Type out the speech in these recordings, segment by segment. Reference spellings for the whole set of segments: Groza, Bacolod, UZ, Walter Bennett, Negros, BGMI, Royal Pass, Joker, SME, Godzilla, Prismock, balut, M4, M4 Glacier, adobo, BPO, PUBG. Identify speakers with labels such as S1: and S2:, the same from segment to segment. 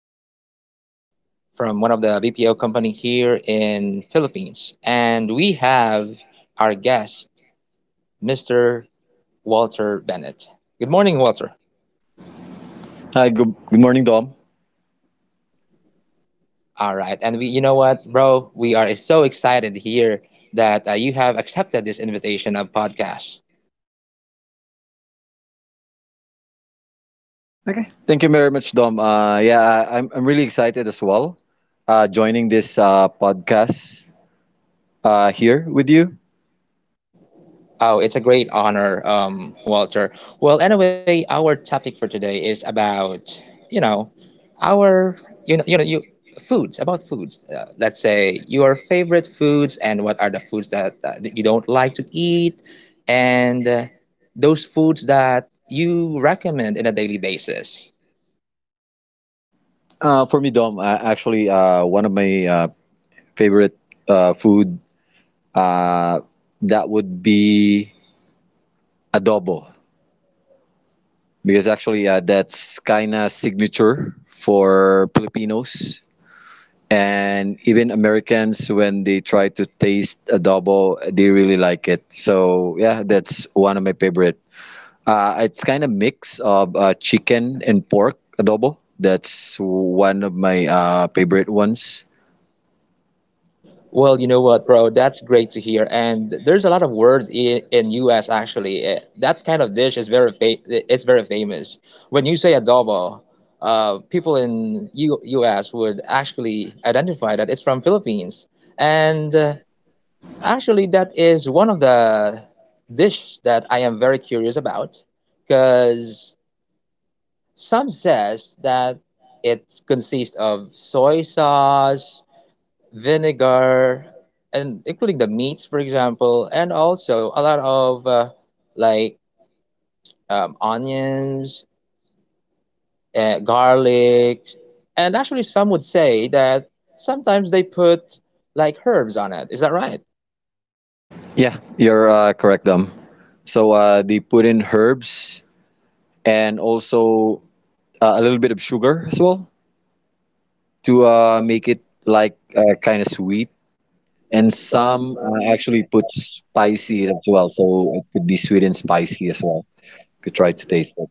S1: Dominic from one of the BPO company here in Philippines, and we have our guest, Mr. Walter Bennett. Good morning, Walter.
S2: Hi, good morning, Dom.
S1: All right, and we, you know what, bro, we are so excited here that you have accepted this invitation of podcast.
S2: Okay. Thank you very much, Dom. I'm really excited as well joining this podcast here with you.
S1: Oh, it's a great honor, Walter. Well, anyway, our topic for today is about, you know, our, you know, you know, you foods, about foods. Let's say your favorite foods and what are the foods that you don't like to eat and those foods that you recommend in a daily basis.
S2: For me, Dom, one of my favorite food uh, that would be adobo because actually that's kind of signature for Filipinos, and even Americans, when they try to taste adobo, they really like it. So yeah, that's one of my favorite. It's kind of mix of chicken and pork adobo. That's one of my favorite ones.
S1: Well, you know what, bro? That's great to hear. And there's a lot of word in US actually. That kind of dish is very fa it's very famous. When you say adobo, people in U US would actually identify that it's from Philippines. And actually, that is one of the dish that I am very curious about, because some says that it consists of soy sauce, vinegar, and including the meats, for example, and also a lot of like onions, garlic, and actually some would say that sometimes they put like herbs on it. Is that right?
S2: Yeah, you're correct, Dom. So they put in herbs and also a little bit of sugar as well to make it like kind of sweet, and some actually put spicy as well, so it could be sweet and spicy as well. You could try to taste it.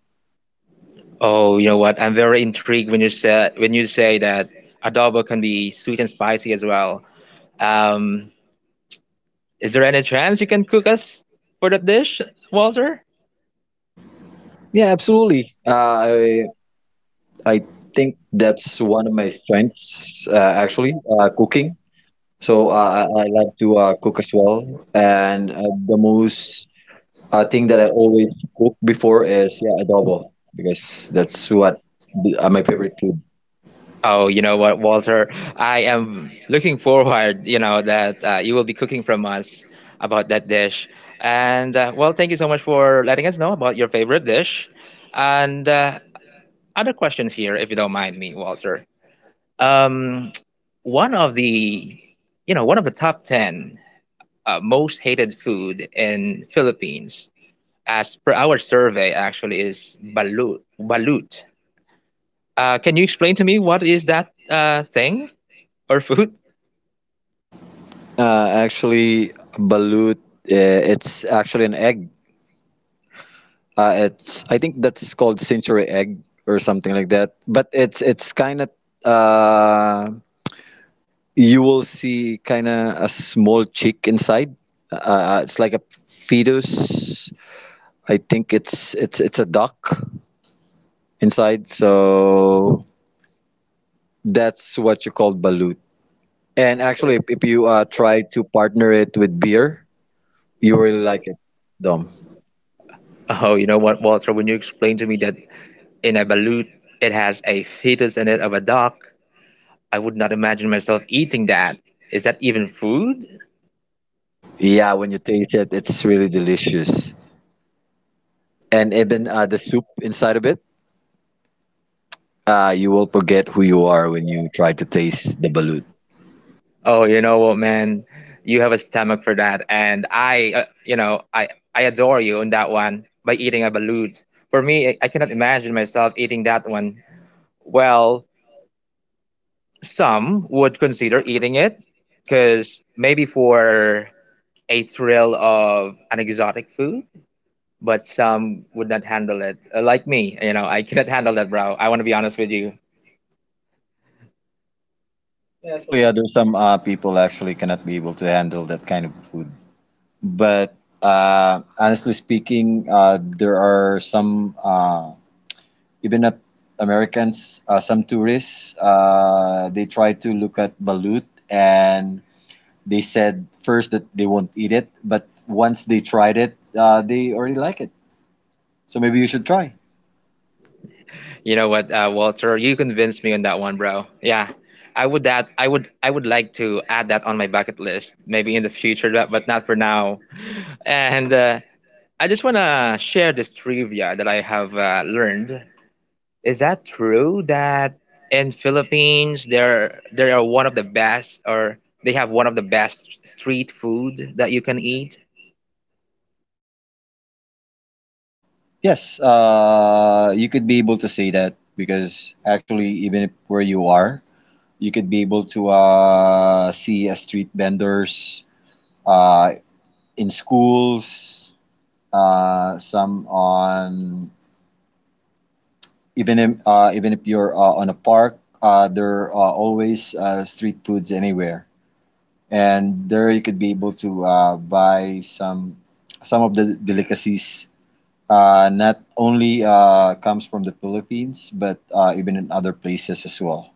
S1: Oh, you know what? I'm very intrigued when you said when you say that adobo can be sweet and spicy as well. Um, is there any chance you can cook us for that dish, Walter?
S2: Yeah, absolutely. I think that's one of my strengths, cooking. So I love to cook as well, and the most thing that I always cook before is yeah adobo because that's what my favorite food.
S1: Oh, you know what, Walter? I am looking forward, you know, that you will be cooking from us about that dish. And well, thank you so much for letting us know about your favorite dish. And other questions here, if you don't mind me, Walter. Um, One of the, one of the top 10 most hated food in Philippines, as per our survey, actually, is balut. Balut. Can you explain to me what is that thing or food?
S2: Balut. It's actually an egg. It's I think that's called century egg or something like that. But it's kind of uh, you will see kind of a small chick inside. It's like a fetus. I think it's a duck inside. So that's what you call balut. And actually, if you try to partner it with beer, you really like it, Dom.
S1: Oh, you know what, Walter? When you explained to me that in a balut it has a fetus in it of a duck, I would not imagine myself eating that. Is that even food?
S2: Yeah, when you taste it, it's really delicious. And even the soup inside of it. You will forget who you are when you try to taste the balut.
S1: Oh, you know what, man? You have a stomach for that, and I, you know, I adore you on that one by eating a balut. For me, I cannot imagine myself eating that one. Well, some would consider eating it, because maybe for a thrill of an exotic food, but some would not handle it, like me. You know, I cannot handle that, bro. I want to be honest with you.
S2: There's some people actually cannot be able to handle that kind of food. But honestly speaking, there are some even not Americans, some tourists. They try to look at balut, and they said first that they won't eat it, but once they tried it, they already like it. So maybe you should try.
S1: You know what? Walter, you convinced me on that one, bro. Yeah, I would like to add that on my bucket list, maybe in the future, but not for now. And I just want to share this trivia that I have learned. Is that true that in Philippines there are one of the best, or they have one of the best street food that you can eat?
S2: Yes, you could be able to say that because actually, even if where you are, you could be able to see a street vendors uh, in schools, some on even if you're on a park, there are always street foods anywhere, and there you could be able to buy some of the delicacies not only comes from the Philippines, but even in other places as well.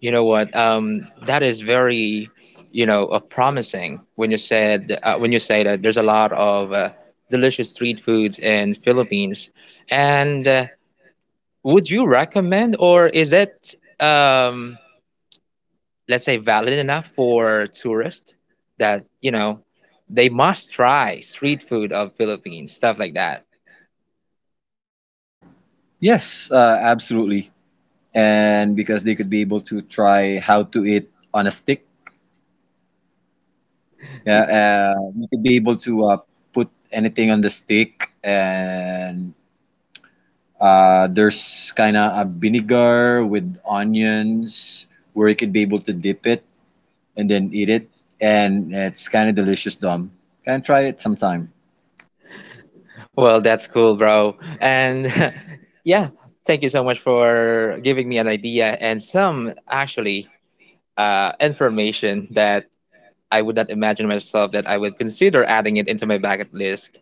S1: You know what? That is very, you know, promising when you said when you say that there's a lot of delicious street foods in Philippines. And would you recommend, or is it, um, let's say, valid enough for tourists that, you know, they must try street food of Philippines, stuff like that?
S2: Yes, absolutely. And because they could be able to try how to eat on a stick. Yeah,
S1: Y-
S2: you could be able to put anything on the stick, and there's kind of a vinegar with onions where you could be able to dip it and then eat it, and it's kind of delicious. Dom, can try it sometime.
S1: Well, that's cool, bro. And yeah, thank you so much for giving me an idea and some actually information that I would not imagine myself that I would consider adding it into my bucket list.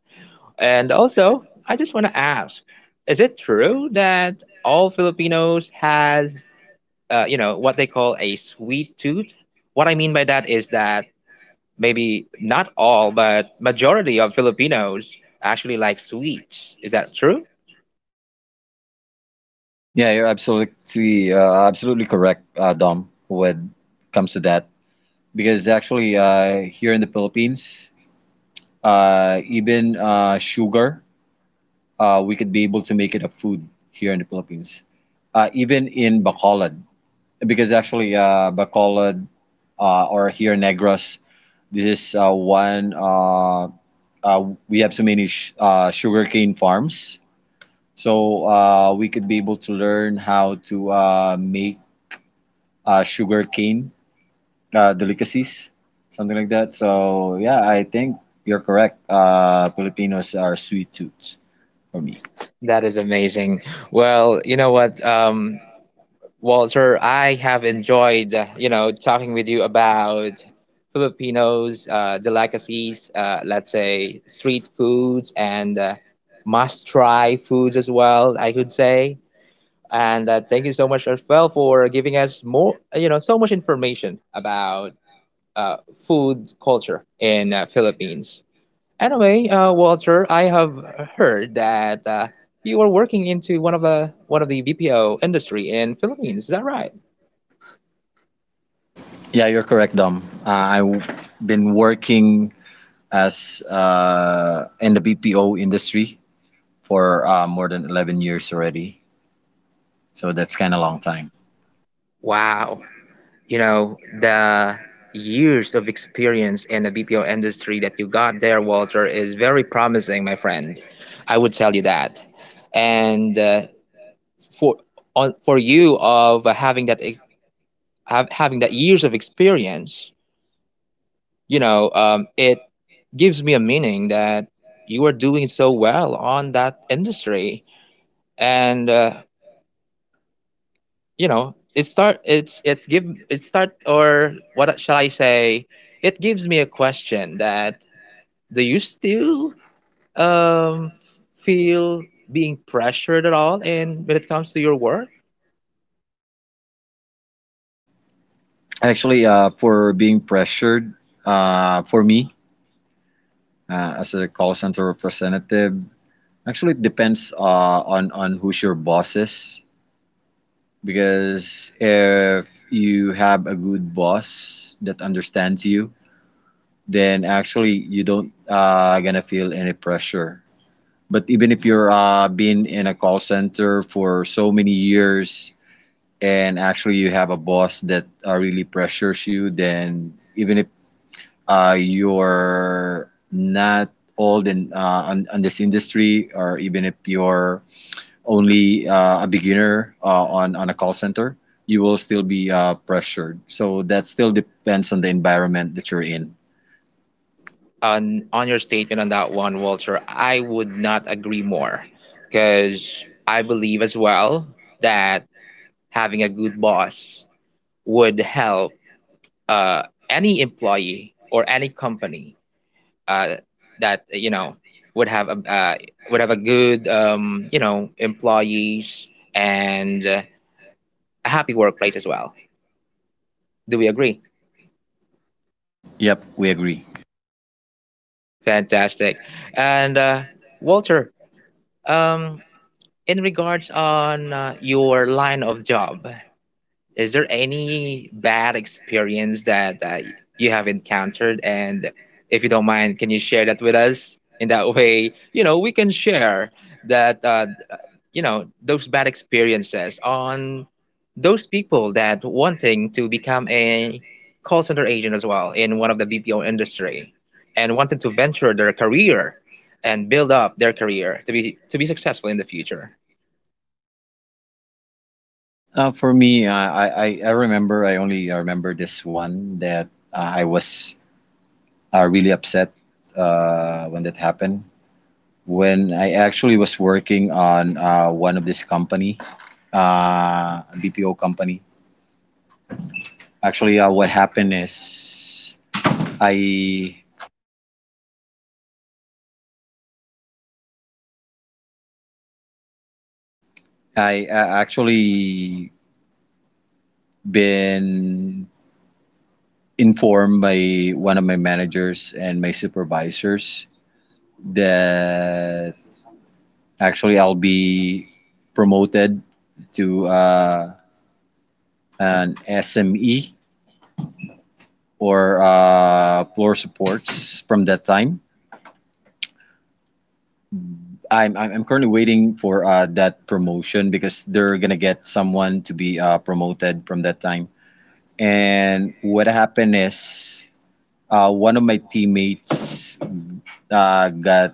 S1: And also, I just want to ask, is it true that all Filipinos has you know, what they call a sweet tooth? What I mean by that is that maybe not all, but majority of Filipinos actually like sweets. Is that true?
S2: Yeah, you're absolutely correct, Dom, when it comes to that. Because actually, here in the Philippines, even sugar, we could be able to make it a food here in the Philippines. Even in Bacolod, because actually, Bacolod or here Negros, this is one. We have so many sugarcane farms, so we could be able to learn how to make sugarcane delicacies, something like that. So yeah, I think you're correct. Filipinos are sweet tooths for me.
S1: That is amazing. Well, you know what, Walter, I have enjoyed, you know, talking with you about Filipinos, delicacies, let's say street foods and must try foods as well, I could say. And thank you so much as well for giving us more, you know, so much information about uh, food culture in Philippines. Anyway, Walter, I have heard that you are working into one of the BPO industry in Philippines. Is that right?
S2: Yeah, you're correct, Dom. I've been working as in the BPO industry for more than 11 years already. So that's kind of long time.
S1: Wow. You know, the years of experience in the BPO industry that you got there, Walter, is very promising, my friend. I would tell you that. And for for you of having that having that years of experience, you know, it gives me a meaning that you are doing so well on that industry. And you know it start it's give it start or what shall I say it gives me a question that do you still um, feel being pressured at all in when it comes to your work.
S2: Actually, for being pressured, for me as a call center representative, actually it depends on who's your boss is. Because if you have a good boss that understands you, then actually you don't gonna feel any pressure. But even if you're been in a call center for so many years, and actually you have a boss that really pressures you, then even if you're not old in on this industry, or even if you're only a beginner on a call center, you will still be pressured. So that still depends on the environment that you're in.
S1: On your statement on that one, Walter, I would not agree more, because I believe as well that having a good boss would help, uh, any employee or any company, uh, that you know would have a, would have a good, you know, employees and a happy workplace as well. Do we agree?
S2: Yep, we agree.
S1: Fantastic. And Walter, um, in regards on your line of job, is there any bad experience that you have encountered? And if you don't mind, can you share that with us? In that way, you know, we can share that, you know, those bad experiences on those people that wanting to become a call center agent as well in one of the BPO industry and wanted to venture their career and build up their career to be successful in the future.
S2: For me, I remember I only remember this one that I was really upset when that happened. When I actually was working on one of this company, BPO company. Actually, what happened is I I actually been informed by one of my managers and my supervisors that actually I'll be promoted to an SME or floor supports from that time. I'm currently waiting for that promotion because they're gonna get someone to be promoted from that time. And what happened is one of my teammates got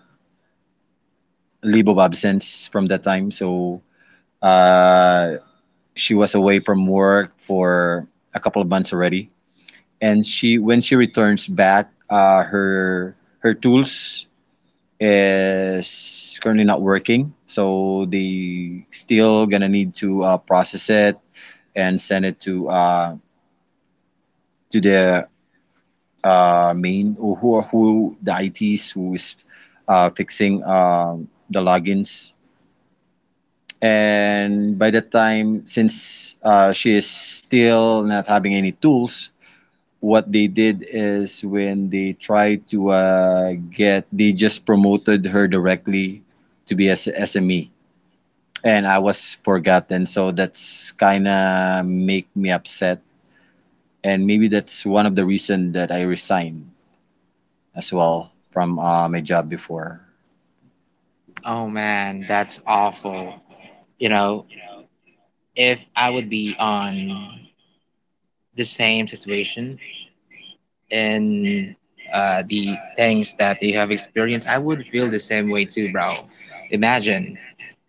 S2: leave of absence from that time. So uh, she was away from work for a couple of months already. And she, when she returns back, her tools is currently not working. So they still gonna need to process it and send it to the main who the ITs who is fixing the logins. And by that time, since she is still not having any tools, what they did is when they tried to get they just promoted her directly to be as SME, and I was forgotten. So that's kind of make me upset, and maybe that's one of the reason that I resigned as well from my job before.
S1: Oh man, that's awful. You know, if I would be on the same situation and the things that you have experienced, I would feel the same way too, bro. Imagine,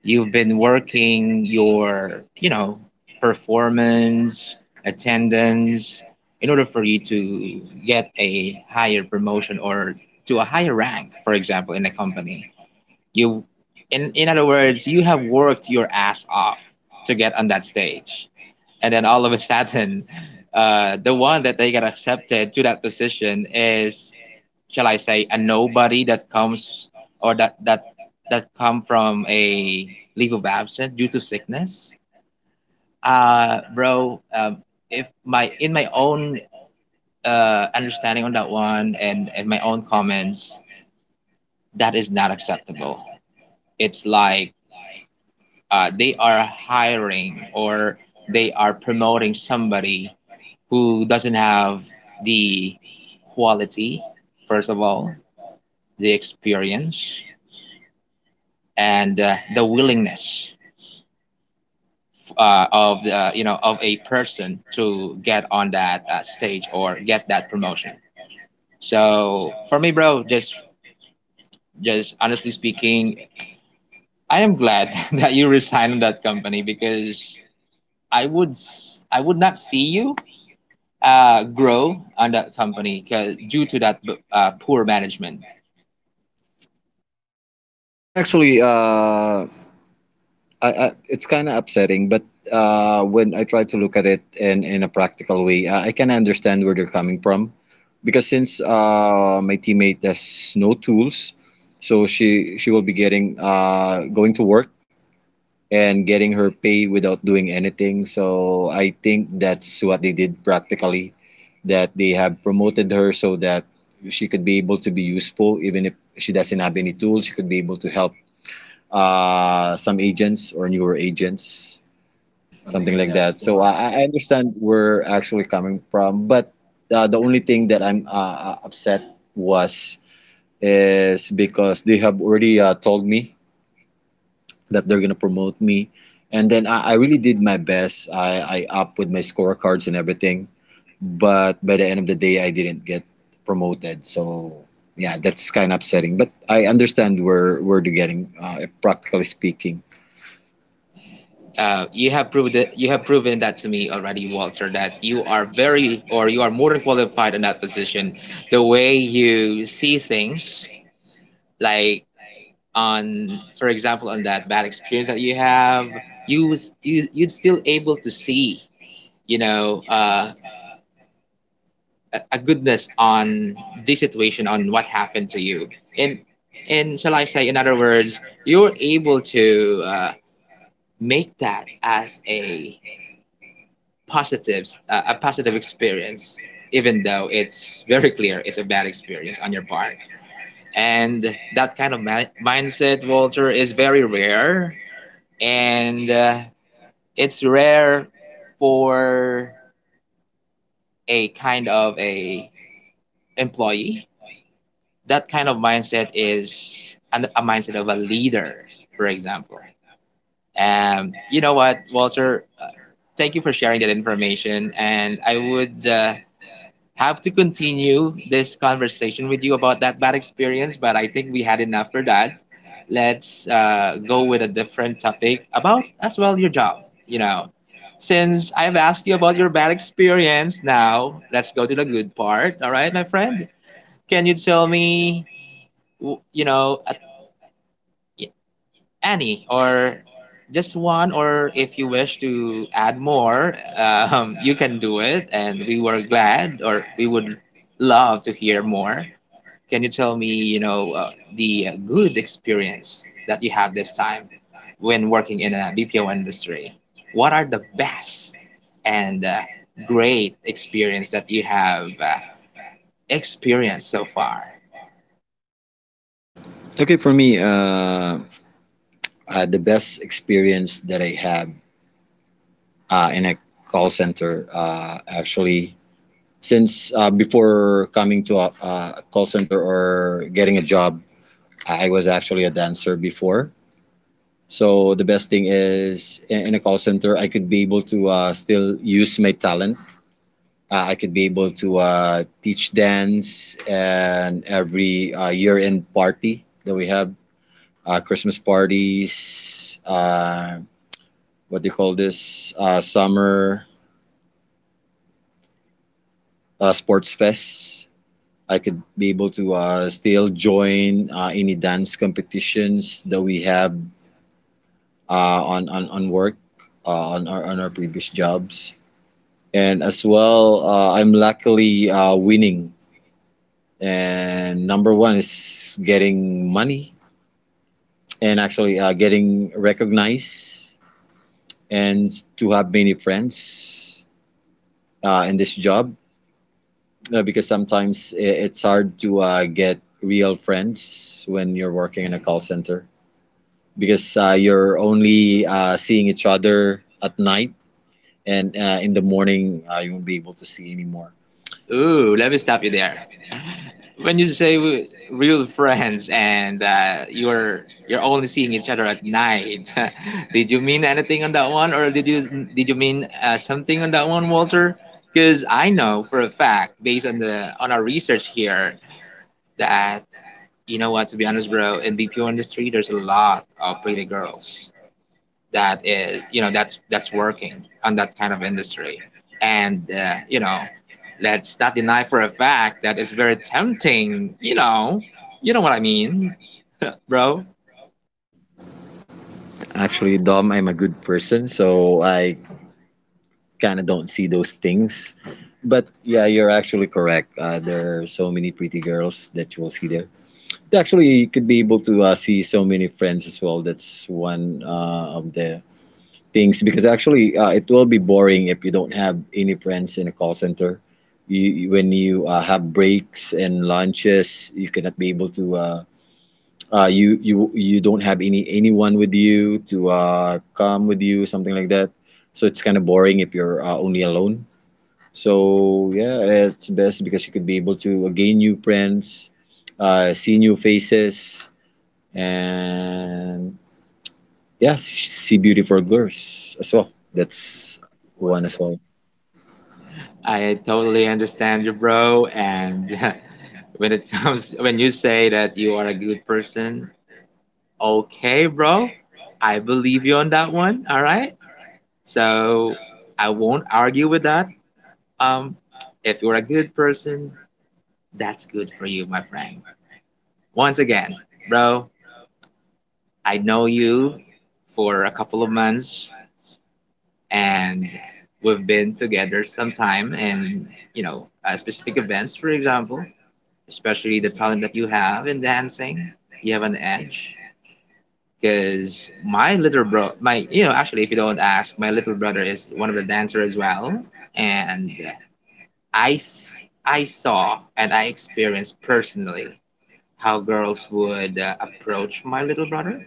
S1: you've been working your, you know, performance, attendance, in order for you to get a higher promotion or to a higher rank, for example, in a company. You, in other words, you have worked your ass off to get on that stage, and then all of a sudden, the one that they got accepted to that position is, shall I say, a nobody that comes, or that that come from a leave of absence due to sickness, bro. If my in my own understanding on that one, and my own comments, that is not acceptable. It's like they are hiring, or they are promoting somebody who doesn't have the quality, first of all, the experience, and the willingness of the, you know, of a person to get on that stage or get that promotion. So for me, bro, just honestly speaking, I am glad that you resigned that company, because I would not see you grow on that company due to that poor management.
S2: Yeah, actually, I It's kind of upsetting, but when I try to look at it in a practical way, I can understand where they're coming from, because since my teammate has no tools, so she will be getting going to work and getting her pay without doing anything. So I think that's what they did practically. That they have promoted her so that she could be able to be useful, even if she doesn't have any tools. She could be able to help some agents or newer agents, something like that. So I understand where actually coming from, but the only thing that I'm upset was is because they have already told me that they're gonna promote me, and then I really did my best. I up with my scorecards and everything, but by the end of the day, I didn't get promoted. So yeah, that's kind of upsetting. But I understand where they're getting, practically speaking.
S1: You have proved it, you have proven that to me already, Walter. That you are very, or you are more than qualified in that position. The way you see things, like on, for example, on that bad experience that you have, you you'd still able to see, you know, a goodness on the situation, on what happened to you, and shall I say, in other words, you're able to make that as a positives a positive experience, even though it's very clear it's a bad experience on your part. And that kind of mindset, Walter, is very rare. And it's rare for a kind of a employee. That kind of mindset is a mindset of a leader, for example. You know what, Walter? Thank you for sharing that information, and I would have to continue this conversation with you about that bad experience, but I think we had enough for that. Let's go with a different topic about as well your job. You know, since I've asked you about your bad experience, now let's go to the good part. All right, my friend, can you tell me, w- you know, a, any or just one, or if you wish to add more you can do it and we were glad, or we would love to hear more. Can you tell me, the good experience that you had this time when working in a bpo industry? What are the best and great experience that you have experienced so far?
S2: Okay, for me, the best experience that I have in a call center actually since before coming to a call center or getting a job, I was actually a dancer before. So the best thing is, in a call center I could be able to still use my talent. I could be able to teach dance, and every year-end party that we have, Christmas parties, what do you call this, summer sports fest, I could be able to still join any dance competitions that we have on work, on our previous jobs. And as well, I'm luckily winning. And number one is getting money, and actually getting recognized, and to have many friends in this job, because sometimes it's hard to get real friends when you're working in a call center, because you're only seeing each other at night, and in the morning you won't be able to see anymore.
S1: Ooh, let me stop you there. When you say real friends and you're only seeing each other at night, did you mean anything on that one, or did you mean something on that one, Walter? Because I know for a fact, based on the on our research here, that, you know what, to be honest, bro, in BPO industry, there's a lot of pretty girls that is, you know, that's working on that kind of industry. And you know, let's not deny for a fact that it's very tempting, you know, you know what I mean, bro.
S2: Actually, Dom, I'm a good person, so I kind of don't see those things. But yeah, you're actually correct, there are so many pretty girls that you will see there. Actually, you could be able to see so many friends as well. That's one of the things, because actually it will be boring if you don't have any friends in a call center. When you have breaks and lunches, you cannot be able to. You you don't have any anyone with you to come with you, something like that. So it's kind of boring if you're only alone. So yeah, it's best because you could be able to gain new friends, see new faces, and yeah, see beautiful girls as well. That's one as well.
S1: I totally understand you, bro, and when it comes, when you say that you are a good person, okay bro, I believe you on that one, all right? So I won't argue with that. um if you're a good person, that's good for you, my friend. Once again, bro, I know you for a couple of months, and we've been together some time, and, you know, specific events, for example, especially the talent that you have in dancing, you have an edge. Because my little bro, my, you know, actually, if you don't ask, my little brother is one of the dancers as well. And I, s- I saw and I experienced personally how girls would approach my little brother.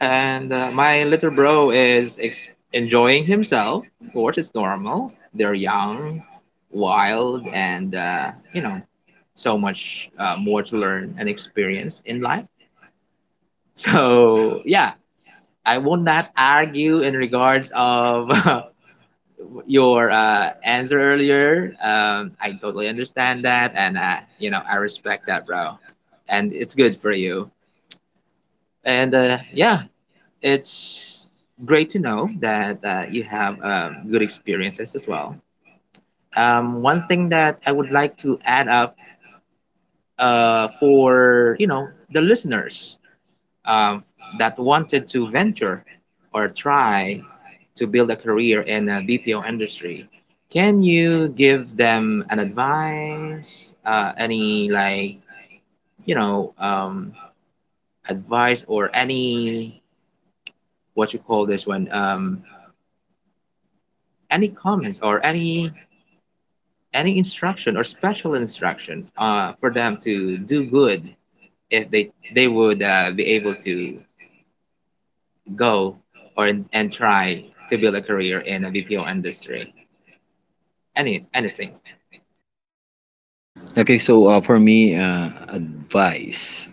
S1: And my little bro is enjoying himself. Of course, it's normal. They're young, wild, and you know, so much more to learn and experience in life. So yeah, I will not argue in regards of your answer earlier. I totally understand that, and you know, I respect that, bro. And it's good for you. And yeah, it's great to know that you have good experiences as well. One thing that I would like to add up for, you know, the listeners, um, that wanted to venture or try to build a career in a BPO industry, can you give them an advice? Any, like, you know, advice or any, what you call this one? Any comments or any instruction or special instruction for them to do good if they would be able to go, or and try to build a career in a BPO industry. Anything.
S2: Okay, so for me, advice.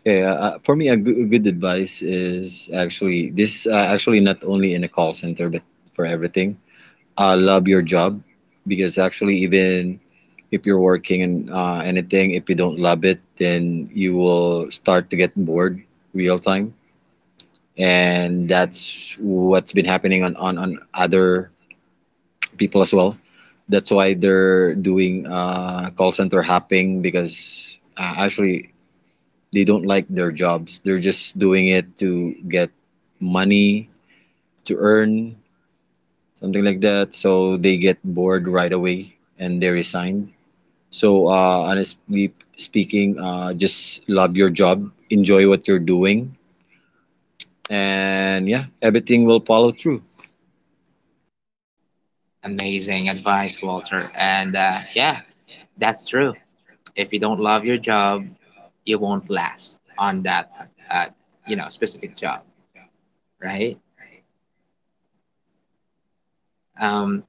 S2: Okay, for me, a good advice is actually this. Not only in a call center, but for everything. Love your job, because actually, even if you're working in anything, if you don't love it, then you will start to get bored real time, and that's what's been happening on on other people as well. That's why they're doing call center hopping because actually they don't like their jobs. They're just doing it to get money, to earn something like that. So they get bored right away, and they resign. So honestly speaking, just love your job, enjoy what you're doing, and yeah, everything will follow through.
S1: Amazing advice, Walter. And yeah, that's true. If you don't love your job, you won't last on that, uh, you know, specific job, right? Um,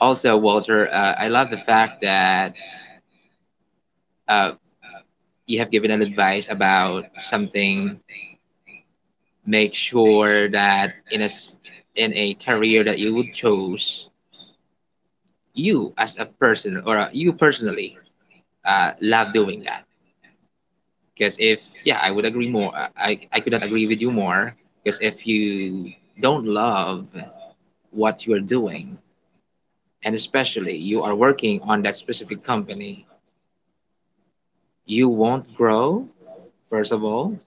S1: also, Walter, I love the fact that uh, you have given an advice about something. Make sure that in a career that you would choose, you as a person, or you personally, love doing that. Because if, yeah, I would agree more, I could not agree with you more. Because if you don't love what you're doing, and especially you are working on that specific company, you won't grow, first of all,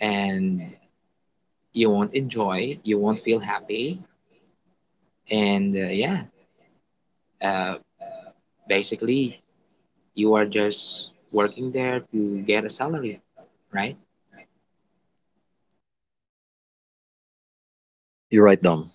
S1: and you won't enjoy, you won't feel happy, and yeah, uh, basically you are just working there to get a salary, right?
S2: You're right, Dom.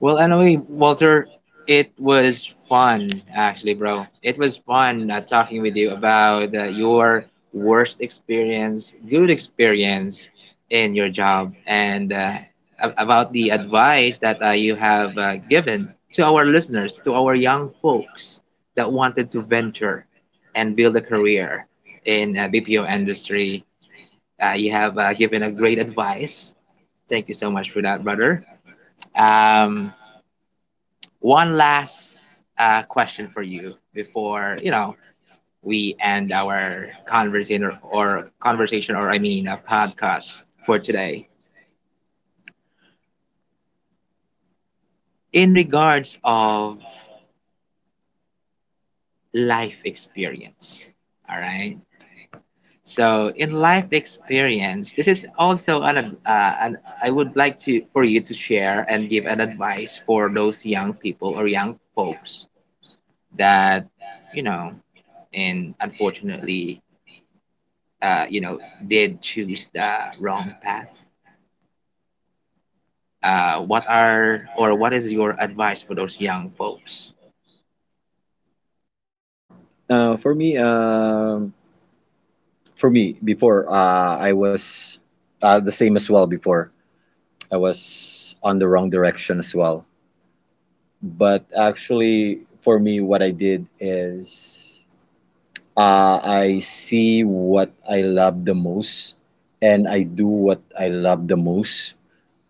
S1: Well, anyway, Walter, it was fun, actually, bro. It was fun talking with you about your worst experience, good experience in your job, and about the advice that you have given to our listeners, to our young folks that wanted to venture and build a career in BPO industry. You have given a great advice. Thank you so much for that, brother. Um, one last question for you before, you know, we end our conversation or I mean a podcast for today, in regards of life experience. All right. So in life experience, this is also an I would like to, for you to share and give an advice for those young people or young folks that, you know, and unfortunately, you know, did choose the wrong path. What are, or what is your advice for those young folks?
S2: Uh, for me, um, for me, before I was the same as well before. I was on the wrong direction as well. But actually, for me, what I did is I see what I love the most, and I do what I love the most.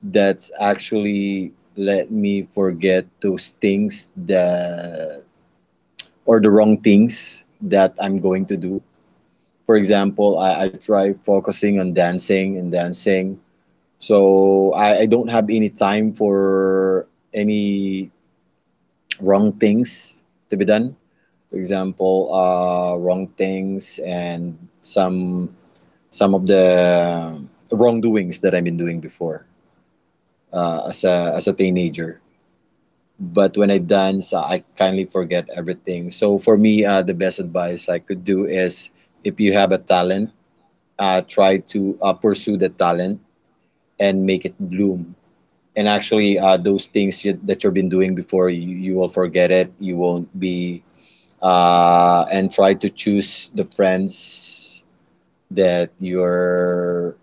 S2: That's actually let me forget those things that, or the wrong things that I'm going to do. For example, I try focusing on dancing and dancing. So I don't have any time for any wrong things to be done. For example, wrong things, and some of the wrongdoings that I've been doing before as a teenager. But when I dance, I kindly forget everything. So for me, the best advice I could do is, if you have a talent, try to pursue the talent and make it bloom, and actually that you've been doing before you will forget it, you won't be. And try to choose the friends that you're,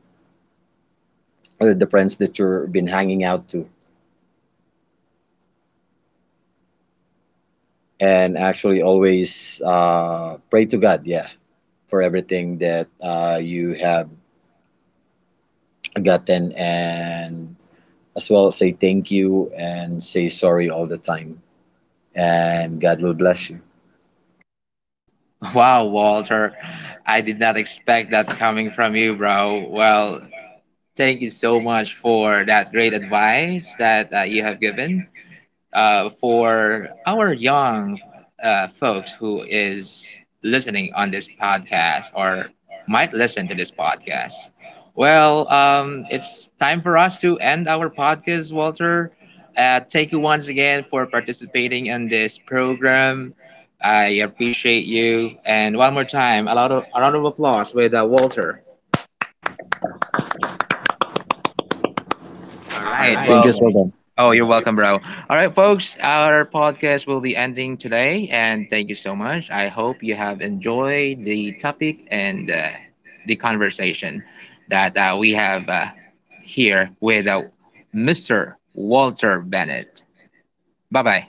S2: the friends that you've been hanging out to. And actually, always pray to God, yeah, for everything that you have gotten, and as well say thank you and say sorry all the time, and God will bless you.
S1: Wow, Walter, I did not expect that coming from you, bro. Well, thank you so much for that great advice that you have given, for our young folks who is listening on this podcast, or might listen to this podcast. Well, it's time for us to end our podcast, Walter. Thank you once again for participating in this program. I appreciate you. And one more time, a lot of a round of applause with Walter. All
S2: All right.
S1: right.
S2: Thank you
S1: Well,
S2: so much.
S1: oh, you're welcome, bro. All right, folks, our podcast will be ending today, and thank you so much. I hope you have enjoyed the topic and the conversation that we have here with Mr. Walter Bennett. Bye bye.